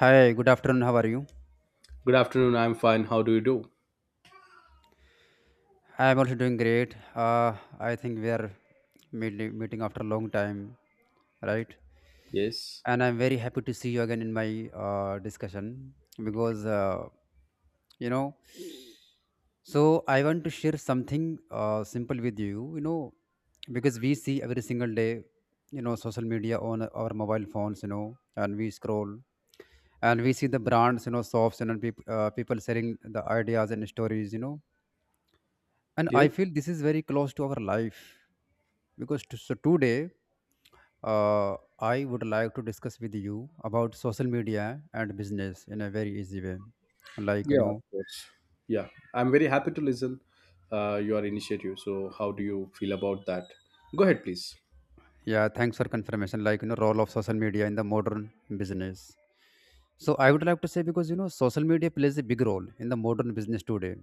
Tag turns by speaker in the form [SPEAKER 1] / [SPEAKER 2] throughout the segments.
[SPEAKER 1] Hi, good afternoon. How are you?
[SPEAKER 2] Good afternoon. I'm fine. How do you do?
[SPEAKER 1] I am also doing great. I think we are meeting after a long time, right?
[SPEAKER 2] Yes.
[SPEAKER 1] And I'm very happy to see you again in my discussion because, you know, I want to share something simple with you, because we see every single day, social media on our mobile phones, and we scroll and we see the brands, shops, people sharing the ideas and stories, and I
[SPEAKER 2] Yes.
[SPEAKER 1] feel this is very close to our life So today, uh, I would like to discuss with you about social media and business in a very easy way, like you
[SPEAKER 2] Yeah,
[SPEAKER 1] know
[SPEAKER 2] of course. Yeah, I'm very happy to listen your initiative. So, how do you feel about that? Go ahead, please.
[SPEAKER 1] yeah, thanks for confirmation. Role of social media in the modern business. So I would like to say, because social media plays a big role in the modern business today,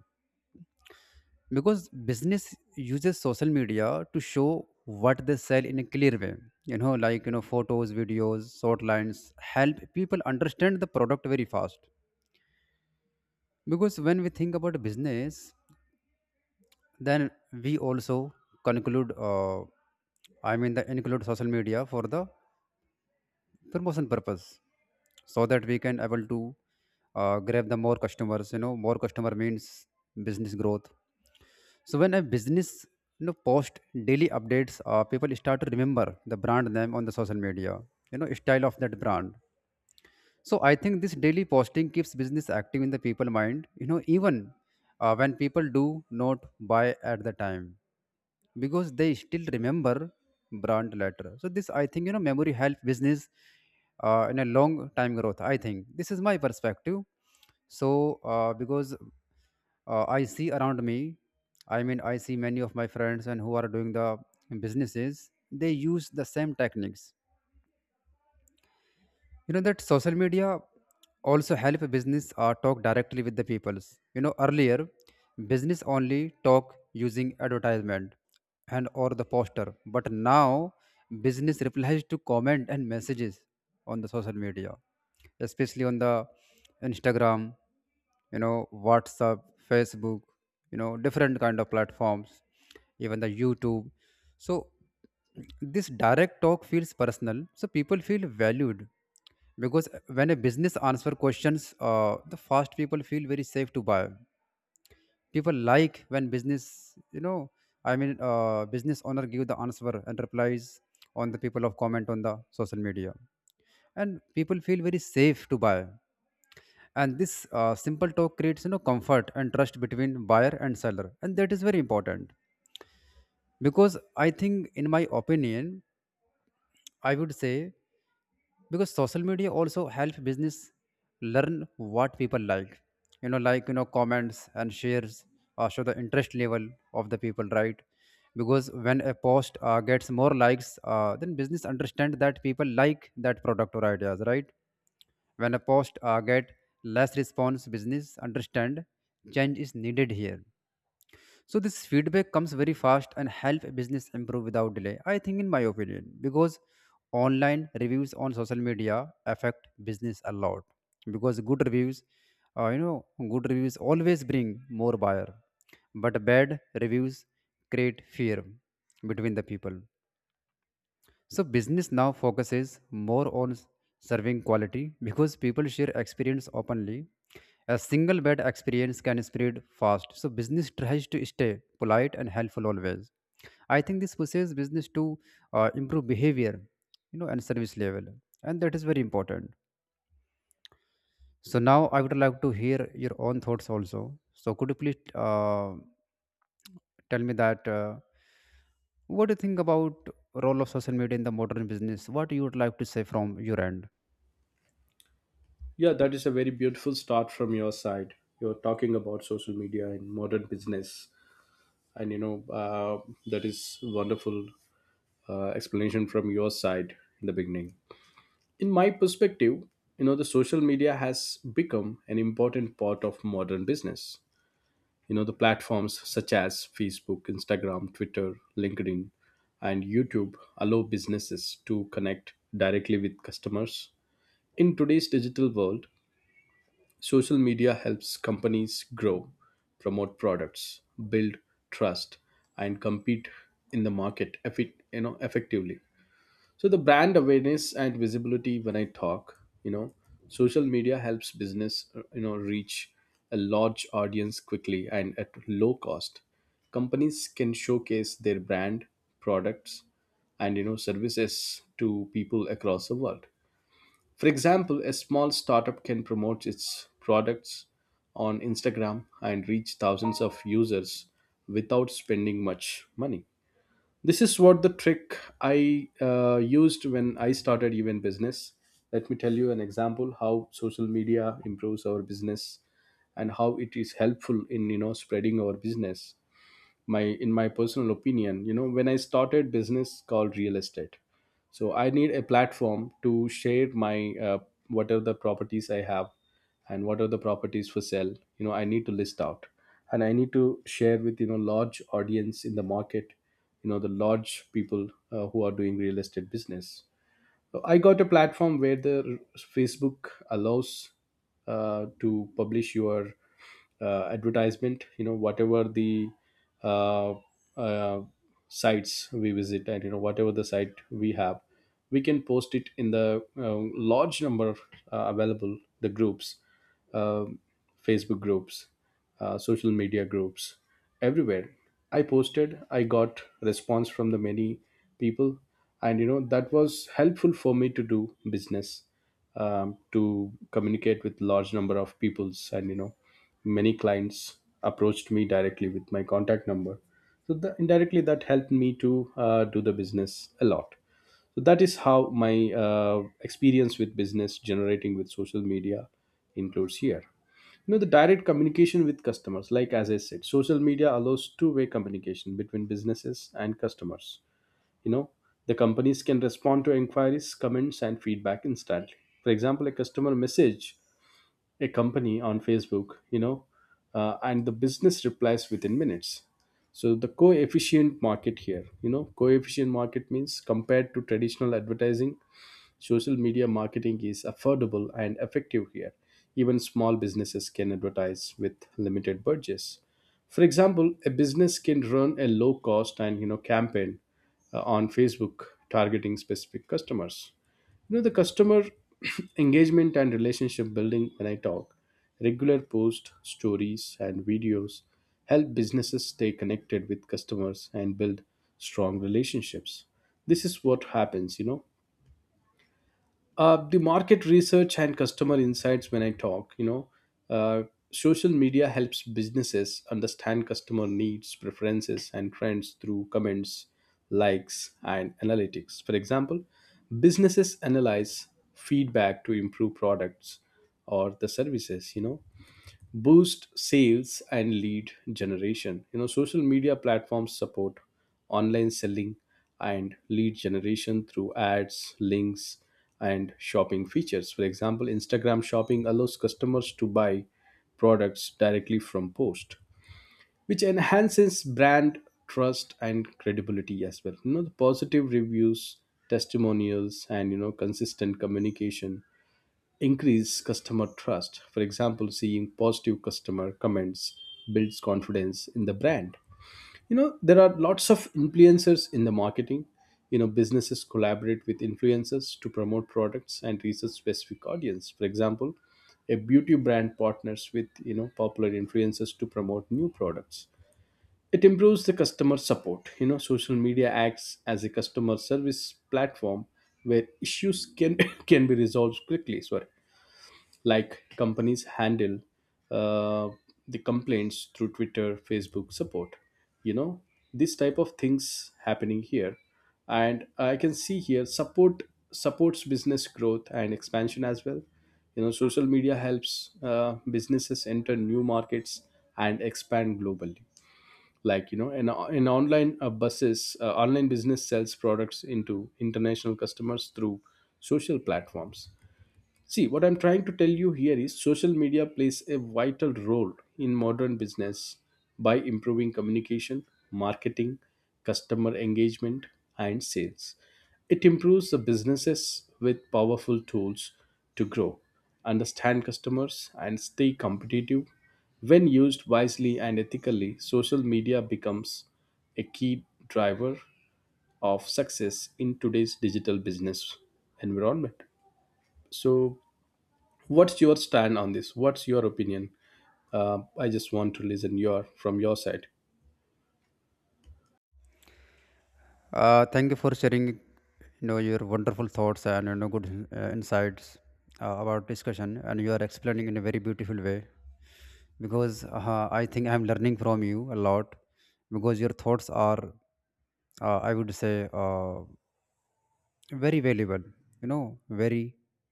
[SPEAKER 1] because business uses social media to show what they sell in a clear way, photos, videos, short lines help people understand the product very fast. Because when we think about business, then we also conclude I mean the include social media for the promotion purpose, so that we can able to grab the more customers. More customer means business growth. So when a business, post daily updates, people start to remember the brand name on the social media, style of that brand. So I think this daily posting keeps business active in the people mind. You know, even when people do not buy at the time, because they still remember brand later. So this, I think, memory help business in a long time growth. I think this is my perspective. So because I see around me, I mean, I see many of my friends and who are doing the businesses, they use the same techniques. You know that social media also help a business talk directly with the peoples. You know, earlier, business only talk using advertisement and or the poster, but now business replies to comment and messages on the social media, especially on the Instagram, WhatsApp, Facebook, different kind of platforms, even the YouTube. So this direct talk feels personal, so people feel valued, because when a business answer questions the fast, people feel very safe to buy. People like when business, you know business owner give the answer and replies on the people of comment on the social media, and people feel very safe to buy. And this simple talk creates, comfort and trust between buyer and seller, and that is very important. Because I think, in my opinion, I would say, because social media also help business learn what people like. Comments and shares show the interest level of the people, right? Because when a post gets more likes, then business understand that people like that product or ideas, right? When a post get less response, business understand change is needed here. So this feedback comes very fast and help a business improve without delay. I think, in my opinion, because online reviews on social media affect business a lot, because good reviews, uh, you know good reviews always bring more buyer, but bad reviews create fear between the people. So business now focuses more on serving quality, because people share experience openly. A single bad experience can spread fast. So business tries to stay polite and helpful always. I think this pushes business to improve behavior, and service level, and that is very important. So now I would like to hear your own thoughts also. So could you please tell me that, what do you think about role of social media in the modern business? What you would like to say from your end?
[SPEAKER 2] Yeah, that is a very beautiful start from your side. You're talking about social media and modern business, and that is wonderful explanation from your side in the beginning. In my perspective, the social media has become an important part of modern business. The platforms such as Facebook, Instagram, Twitter, LinkedIn, and YouTube allow businesses to connect directly with customers. In today's digital world, social media helps companies grow, promote products, build trust, and compete in the market effectively. So the brand awareness and visibility, when I talk, social media helps business, reach a large audience quickly and at low cost. Companies can showcase their brand, products, and services to people across the world. For example, a small startup can promote its products on Instagram and reach thousands of users without spending much money. This is what the trick I used when I started event business. Let me tell you an example how social media improves our business and how it is helpful in spreading our business. My in my personal opinion, when I started business called real estate, so I need a platform to share my what are the properties I have and what are the properties for sale. I need to list out and I need to share with large audience in the market, the large people who are doing real estate business. So I got a platform where the Facebook allows to publish your advertisement. Whatever the uh, uh, sites we visit, and whatever the site we have, we can post it in the large number. Available the groups, um Facebook groups, social media groups, everywhere I posted. I got response from the many people, and that was helpful for me to do business, to communicate with large number of peoples. And many clients approached me directly with my contact number. So indirectly that helped me to do the business a lot. So that is how my experience with business generating with social media includes here. The direct communication with customers, like as I said, social media allows two-way communication between businesses and customers. you know the companies can respond to inquiries, comments, and feedback instantly. For example, a customer message a company on Facebook, and the business replies within minutes. So the coefficient market here, coefficient market means compared to traditional advertising, social media marketing is affordable and effective here. Even small businesses can advertise with limited budgets. For example, a business can run a low cost and campaign on Facebook, targeting specific customers. The customer engagement and relationship building, when I talk, regular posts, stories, and videos help businesses stay connected with customers and build strong relationships. This is what happens. The market research and customer insights, when I talk uh, social media helps businesses understand customer needs, preferences, and trends through comments, likes, and analytics. For example, businesses analyze feedback to improve products or the services. Boost sales and lead generation. Social media platforms support online selling and lead generation through ads, links, and shopping features. For example, Instagram shopping allows customers to buy products directly from post, which enhances brand trust and credibility as well. The positive reviews, testimonials, and consistent communication increase customer trust. For example, seeing positive customer comments builds confidence in the brand. There are lots of influencers in the marketing. Businesses collaborate with influencers to promote products and reach a specific audience. For example, a beauty brand partners with, popular influencers to promote new products. It improves the customer support. Social media acts as a customer service platform where issues can can be resolved quickly. Sorry. Like companies handle uh, the complaints through Twitter, Facebook support. you know this type of things happening here, and I can see here supports business growth and expansion as well. Social media helps businesses enter new markets and expand globally, like, an online business sells products into international customers through social platforms. See, what I'm trying to tell you here is social media plays a vital role in modern business by improving communication, marketing, customer engagement, and sales. It improves the businesses with powerful tools to grow, understand customers, and stay competitive. When used wisely and ethically, social media becomes a key driver of success in today's digital business environment. So, what's your stand on this? What's your opinion? I just want to listen your from your side.
[SPEAKER 1] Thank you for sharing your wonderful thoughts and good insights about discussion, and you are explaining in a very beautiful way. Because I think I'm learning from you a lot, because your thoughts are I would say, very valuable, very,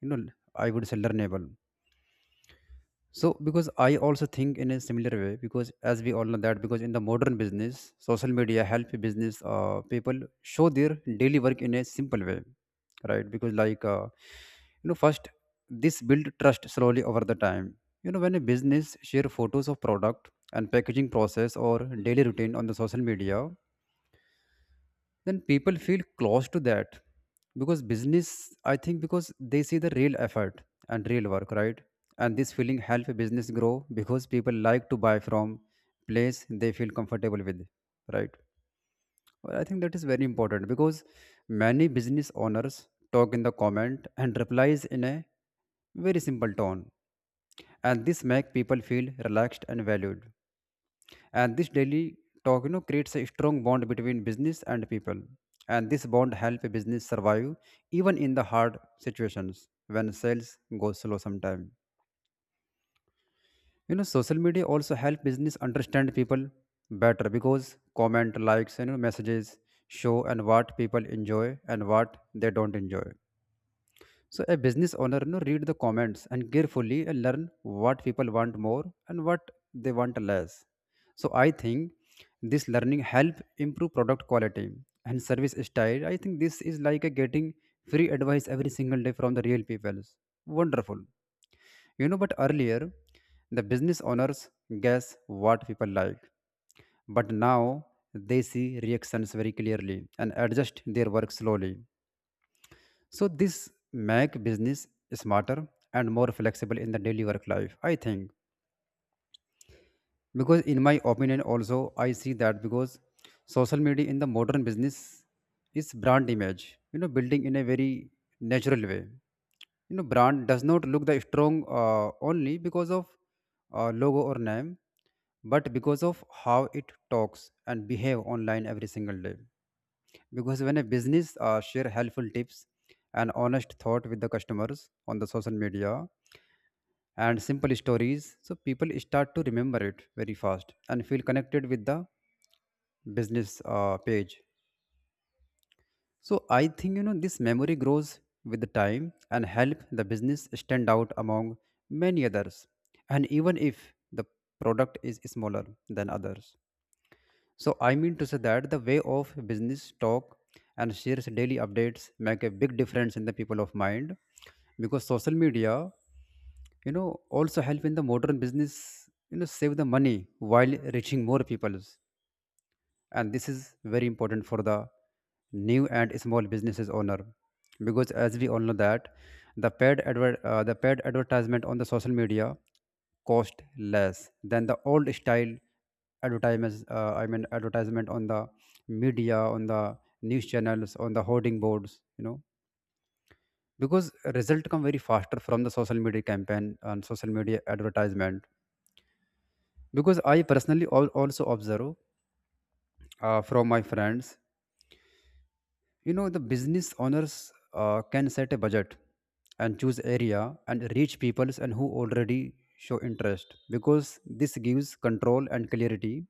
[SPEAKER 1] you know I would say learnable. So because I also think in a similar way, because as we all know that, because in the modern business, social media help business people show their daily work in a simple way, right? Because like first, this build trust slowly over the time. You know, when a business share photos of product and packaging process or daily routine on the social media, then people feel close to that, because business, I think, because they see the real effort and real work, right? And this feeling help a business grow, because people like to buy from place they feel comfortable with, right? Well, I think that is very important because many business owners talk in the comment and replies in a very simple tone, and this make people feel relaxed and valued, and this daily talk, creates a strong bond between business and people, and this bond help a business survive even in the hard situations when sales go slow sometime. You know, social media also help business understand people better, because comment, likes, messages show and what people enjoy and what they don't enjoy. So a business owner, read the comments and carefully and learn what people want more and what they want less. So I think this learning help improve product quality and service style. I think this is like a getting free advice every single day from the real people. Wonderful. You know, but earlier the business owners guess what people like, but now they see reactions very clearly and adjust their work slowly, so this make business smarter and more flexible in the daily work life, I think. Because in my opinion also, I see that because social media in the modern business is brand image, building in a very natural way. You know, brand does not look the strong only because of logo or name, but because of how it talks and behave online every single day. Because when a business share helpful tips and honest thought with the customers on the social media and simple stories, so people start to remember it very fast and feel connected with the business page. So I think, this memory grows with the time and help the business stand out among many others, and even if the product is smaller than others. So I mean to say that the way of business talk and shares daily updates make a big difference in the people of mind. Because social media, also help in the modern business, save the money while reaching more people, and this is very important for the new and small businesses owner. Because as we all know that the the paid advertisement on the social media cost less than the old style advertisements, advertisement on the media, on the news channels, on the hoarding boards, you know. Because result come very faster from the social media campaign and social media advertisement. Because I personally also observe from my friends, you know, the business owners can set a budget and choose area and reach peoples and who already show interest, because this gives control and clarity.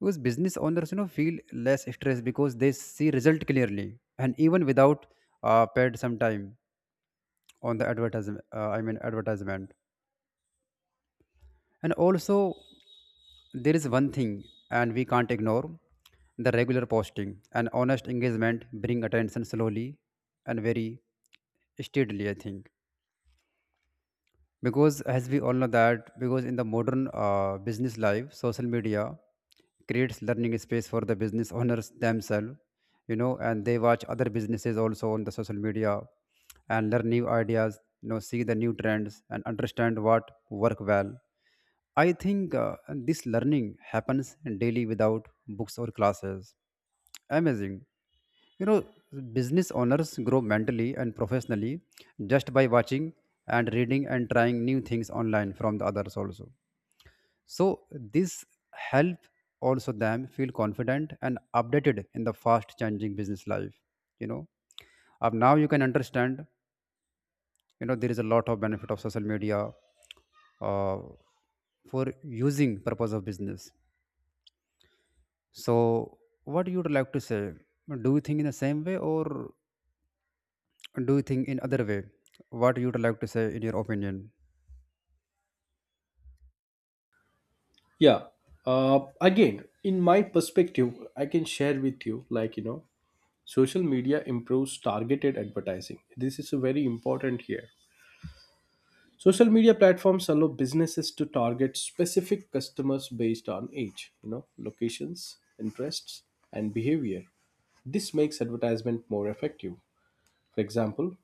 [SPEAKER 1] Because business owners, feel less stress because they see result clearly, and even without paid some time on the advertisement, advertisement. And also, there is one thing, and we can't ignore, the regular posting and honest engagement bring attention slowly and very steadily, I think. Because as we all know that, because in the modern business life, social media creates learning space for the business owners themselves, and they watch other businesses also on the social media and learn new ideas, see the new trends and understand what work well. I think this learning happens daily without books or classes. Amazing. You know, business owners grow mentally and professionally just by watching and reading and trying new things online from the others also. So this help also them feel confident and updated in the fast changing business life. You know, now you can understand. You know, there is a lot of benefit of social media uh, for using purpose of business. So, what you would like to say? Do you think in the same way, or do you think in other way? What you would like to say in your opinion?
[SPEAKER 2] Yeah. Again, in my perspective, I can share with you like, social media improves targeted advertising. This is very important here. Social media platforms allow businesses to target specific customers based on age, locations, interests, and behavior. This makes advertisement more effective. For example,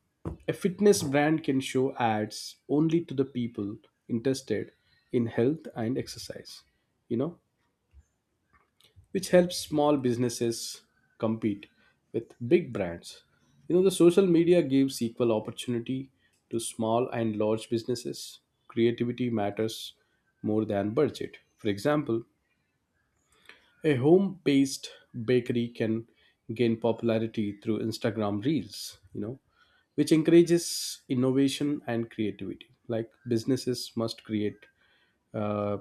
[SPEAKER 2] a fitness brand can show ads only to the people interested in health and exercise, you know, which helps small businesses compete with big brands. The social media gives equal opportunity to small and large businesses. Creativity matters more than budget. For example, a home based bakery can gain popularity through Instagram Reels, which encourages innovation and creativity. Like, businesses must create uh,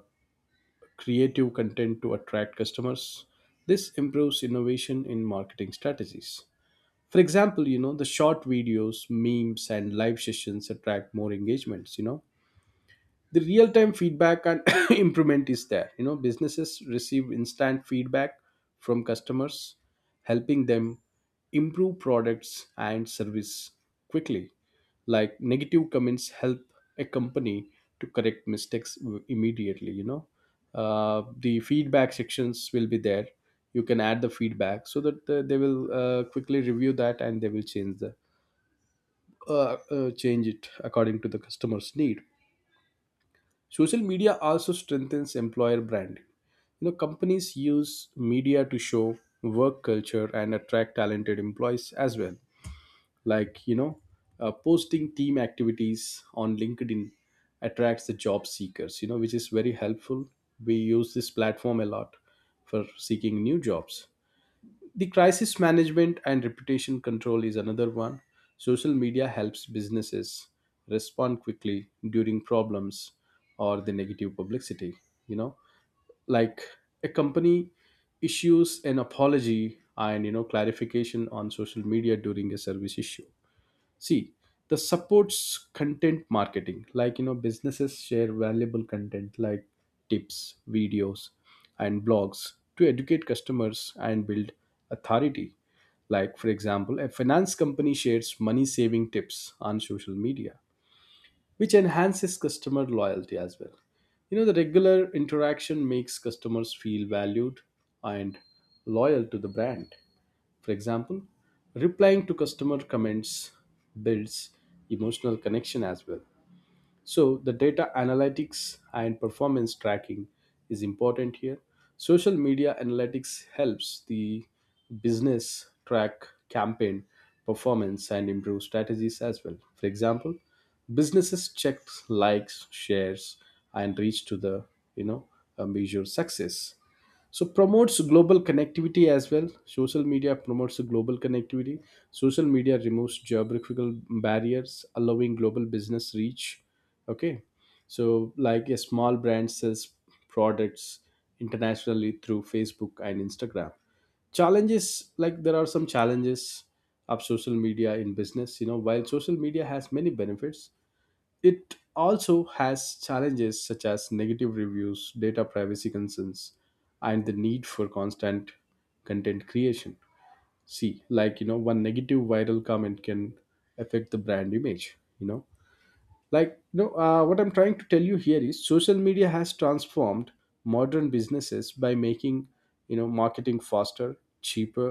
[SPEAKER 2] creative content to attract customers. This improves innovation in marketing strategies. For example, the short videos, memes, and live sessions attract more engagements. The real time feedback and improvement is there. Businesses receive instant feedback from customers, helping them improve products and service quickly. Like negative comments help a company to correct mistakes immediately. The feedback sections will be there. You can add the feedback so that they will quickly review that, and they will change it according to the customer's need. Social media also strengthens employer branding. Companies use media to show work culture and attract talented employees as well. Like, posting team activities on LinkedIn attracts the job seekers, which is very helpful. We use this platform a lot for seeking new jobs. The crisis management and reputation control is another one. Social media helps businesses respond quickly during problems or the negative publicity, you know, like a company issues an apology and clarification on social media during a service issue. See, the supports content marketing, like, businesses share valuable content like tips, videos, and blogs to educate customers and build authority. Like, for example, a finance company shares money saving tips on social media, which enhances customer loyalty as well. The regular interaction makes customers feel valued and loyal to the brand. For example, replying to customer comments builds emotional connection as well. So, the data analytics and performance tracking is important here. Social media analytics helps the business track campaign performance and improve strategies as well. For example, businesses check likes, shares, and reach to the you know measure success. So promotes global connectivity as well. Social media promotes global connectivity. Social media removes geographical barriers, allowing global business reach. Okay. So like a small brand sells products internationally through Facebook and Instagram. Challenges, like, there are some challenges of social media in business. While social media has many benefits, it also has challenges such as negative reviews, data privacy concerns, and the need for constant content creation. See, like, one negative viral comment can affect the brand image. Like, no, what I'm trying to tell you here is social media has transformed modern businesses by making, marketing faster, cheaper,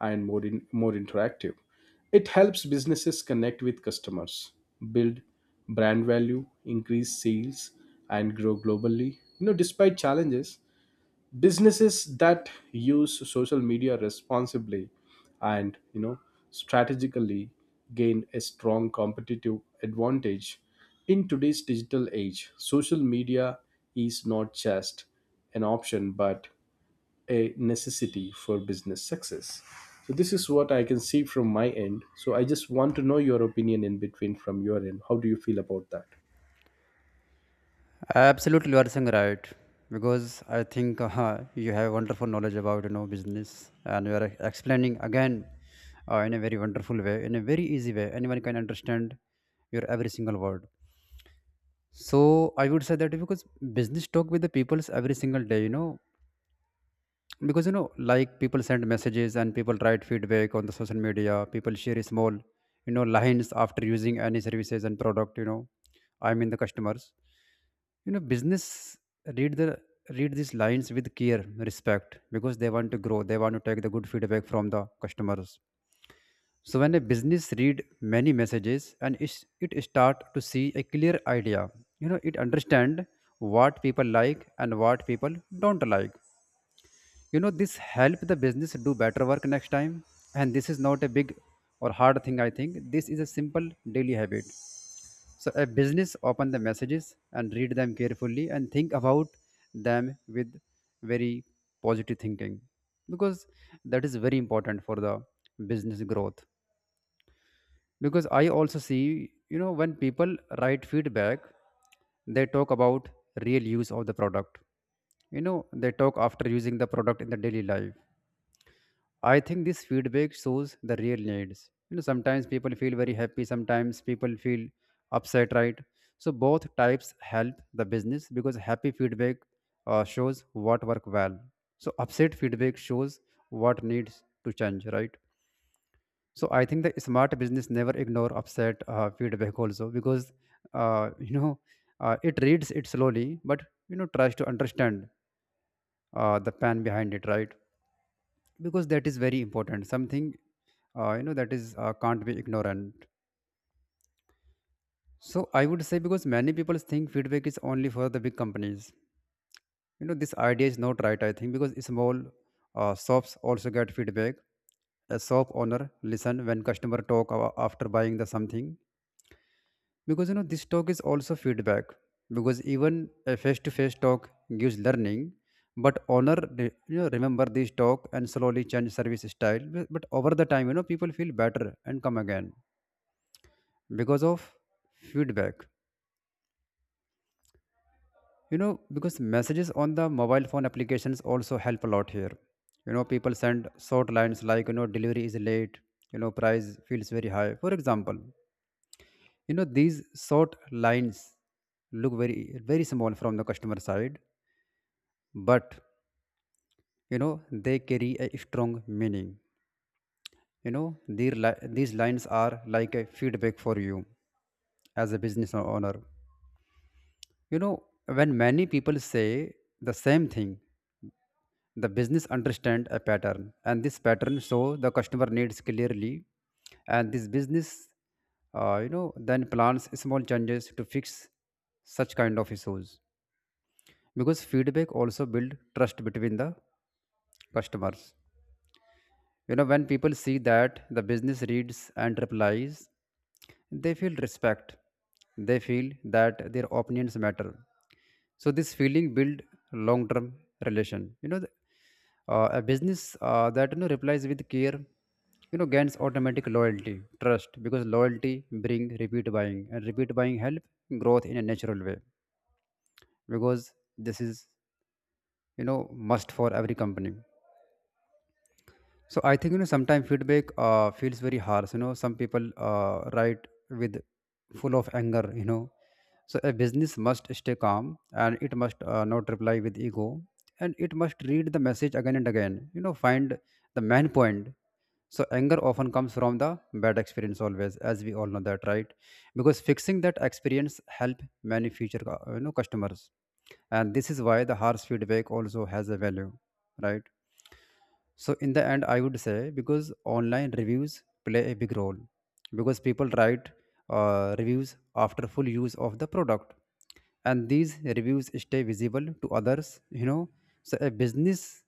[SPEAKER 2] and more interactive. It helps businesses connect with customers, build brand value, increase sales, and grow globally. Despite challenges, businesses that use social media responsibly and strategically gain a strong competitive advantage. In today's digital age, social media is not just an option but a necessity for business success. So this is what I can see from my end. So I just want to know your opinion in between from your end. How do you feel about that?
[SPEAKER 1] Absolutely, you are saying right because I think you have wonderful knowledge about you know business, and you are explaining again in a very wonderful way, in a very easy way. Anyone can understand your every single word. So I would say that because business talk with the peoples every single day, you know, because you know like people send messages and people write feedback on the social media, people share small you know lines after using any services and product, you know, I mean the customers, you know, business read the read these lines with care respect because they want to grow, they want to take the good feedback from the customers. So when a business read many messages and it start to see a clear idea, you know it understand what people like and what people don't like. You know, this help the business do better work next time, and this is not a big or hard thing. I think this is a simple daily habit. So a business open the messages and read them carefully and think about them with very positive thinking, because that is very important for the business growth. Because I also see, you know, when people write feedback, they talk about real use of the product. You know, they talk after using the product in the daily life. I think this feedback shows the real needs. You know, sometimes people feel very happy, sometimes people feel upset, right? So both types help the business because happy feedback shows what worked well. So upset feedback shows what needs to change, right? So I think the smart business never ignore upset feedback also because uh, you know it reads it slowly, but you know tries to understand the plan behind it, right? Because that is very important. Something you know that is can't be ignorant. So I would say because many people think feedback is only for the big companies. You know, this idea is not right, I think, because small shops also get feedback. A shop owner listen when customer talk after buying the something, because you know this talk is also feedback, because even a face to face talk gives learning. But owner you know remember this talk and slowly change service style, but over the time, you know, people feel better and come again because of feedback. You know, because messages on the mobile phone applications also help a lot here. You know, people send short lines like, you know, delivery is late, you know, price feels very high, for example. You know, these short lines look very very small from the customer side, but you know they carry a strong meaning. You know, these lines are like a feedback for you as a business owner. You know, when many people say the same thing, the business understand a pattern, and this pattern show the customer needs clearly, and this business, you know, then plans small changes to fix such kind of issues. Because feedback also build trust between the customers. You know, when people see that the business reads and replies, they feel respect. They feel that their opinions matter. So this feeling build long term relation. You know, a business that you know replies with care, you know gains automatic loyalty trust, because loyalty bring repeat buying and repeat buying help growth in a natural way, because this is you know must for every company. So I think you know sometimes feedback feels very harsh. You know, some people write with full of anger. You know, so a business must stay calm and it must not reply with ego, and it must read the message again and again. You know, find the main point. So anger often comes from the bad experience always, as we all know that, right? Because fixing that experience help many future you know customers, and this is why the harsh feedback also has a value, right? So in the end, I would say because online reviews play a big role, because people write reviews after full use of the product, and these reviews stay visible to others. You know, so a business,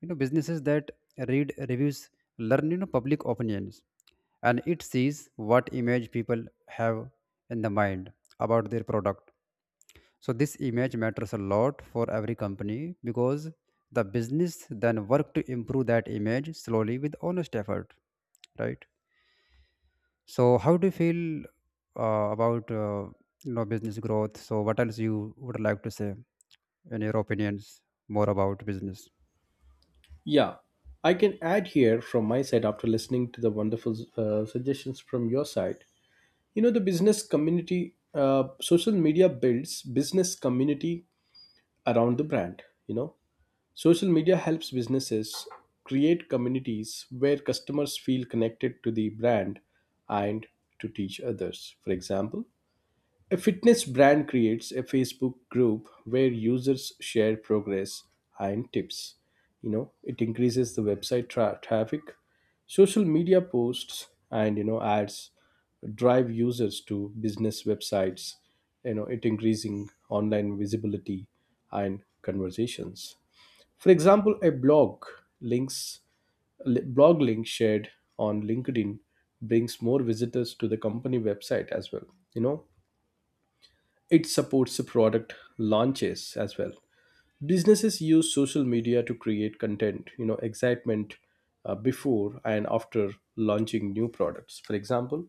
[SPEAKER 1] you know, businesses that read reviews learn you know public opinions, and it sees what image people have in the mind about their product. So this image matters a lot for every company, because the business then work to improve that image slowly with honest effort, right? So how do you feel about you know business growth? So what else you would like to say in your opinions more about business?
[SPEAKER 2] Yeah, I can add here from my side after listening to the wonderful suggestions from your side. The business community, social media builds business community around the brand. Social media helps businesses create communities where customers feel connected to the brand and to teach others. For example, a fitness brand creates a Facebook group where users share progress and tips. It increases the website traffic. Social media posts and ads drive users to business websites. It increasing online visibility and conversations. For example, a blog links blog link shared on LinkedIn brings more visitors to the company website as well. You know, it supports the product launches as well. Businesses use social media to create content, excitement before and after launching new products. For example,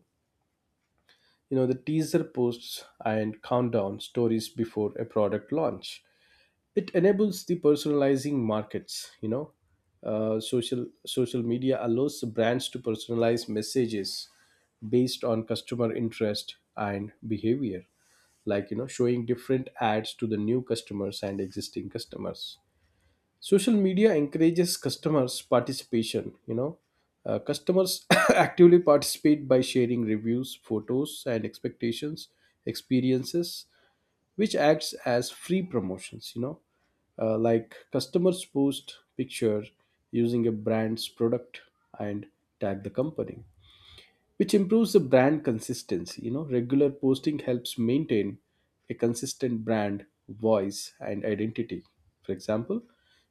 [SPEAKER 2] the teaser posts and countdown stories before a product launch, it enables the personalizing markets. you know social media allows the brands to personalize messages based on customer interest and behavior, like showing different ads to the new customers and existing customers. Social media encourages customers participation. Customers actively participate by sharing reviews, photos, and expectations experiences, which acts as free promotions. Like, customers post picture using a brand's product and tag the company, which improves the brand consistency. Regular posting helps maintain a consistent brand voice and identity. For example,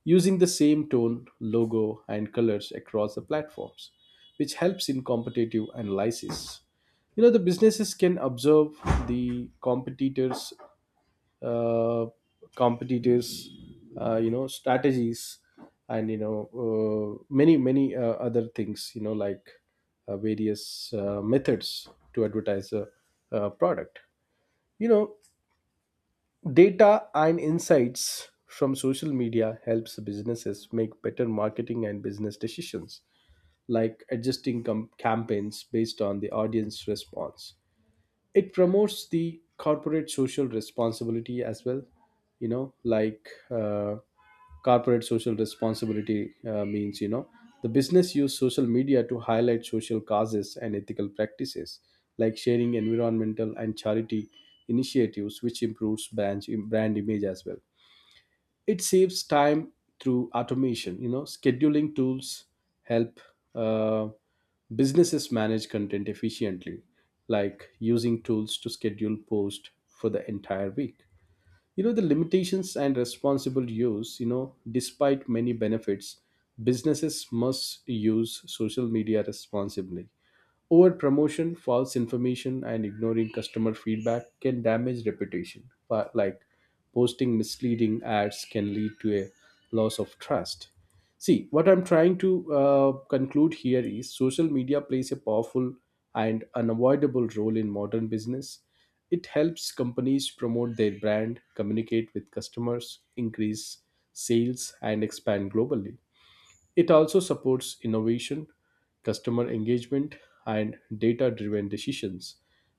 [SPEAKER 2] using the same tone, logo, and colors across the platforms, which helps in competitive analysis. The businesses can observe the competitors uh, competitors strategies, and many other things, like various methods to advertise a product. you know Data and insights from social media helps businesses make better marketing and business decisions, like adjusting campaigns based on the audience response. It promotes the corporate social responsibility as well. Like, corporate social responsibility means, the business use social media to highlight social causes and ethical practices, like sharing environmental and charity initiatives, which improves brand image as well. It saves time through automation. Scheduling tools help uh, businesses manage content efficiently, like using tools to schedule posts for the entire week. The limitations and responsible use, despite many benefits, businesses must use social media responsibly. Over promotion, false information, and ignoring customer feedback can damage reputation. But like, posting misleading ads can lead to a loss of trust. See, what I'm trying to conclude here is social media plays a powerful and unavoidable role in modern business. It helps companies promote their brand, communicate with customers, increase sales, and expand globally. It also supports innovation, customer engagement, and data driven decisions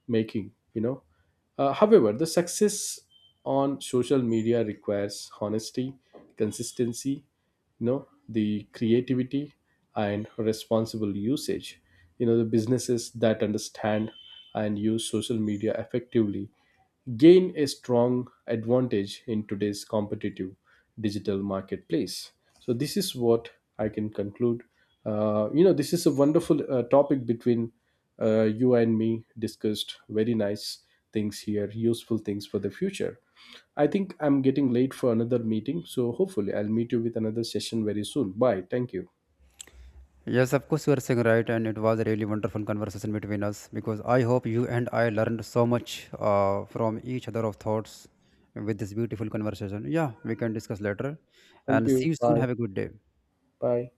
[SPEAKER 2] making, you know. However, the success on social media requires honesty, consistency, the creativity and responsible usage. The businesses that understand and use social media effectively gain a strong advantage in today's competitive digital marketplace. So this is what I can conclude. This is a wonderful topic between you and me discussed very nice things here, useful things for the future. I think I'm getting late for another meeting, so hopefully I'll meet you with another session very soon. Bye. Thank you.
[SPEAKER 1] Yes, of course, you are saying right, and it was a really wonderful conversation between us because I hope you and I learned so much from each other of thoughts with this beautiful conversation. Yeah, we can discuss later
[SPEAKER 2] Thank
[SPEAKER 1] and
[SPEAKER 2] you.
[SPEAKER 1] see you soon.
[SPEAKER 2] Bye.
[SPEAKER 1] Have a good day.
[SPEAKER 2] Bye.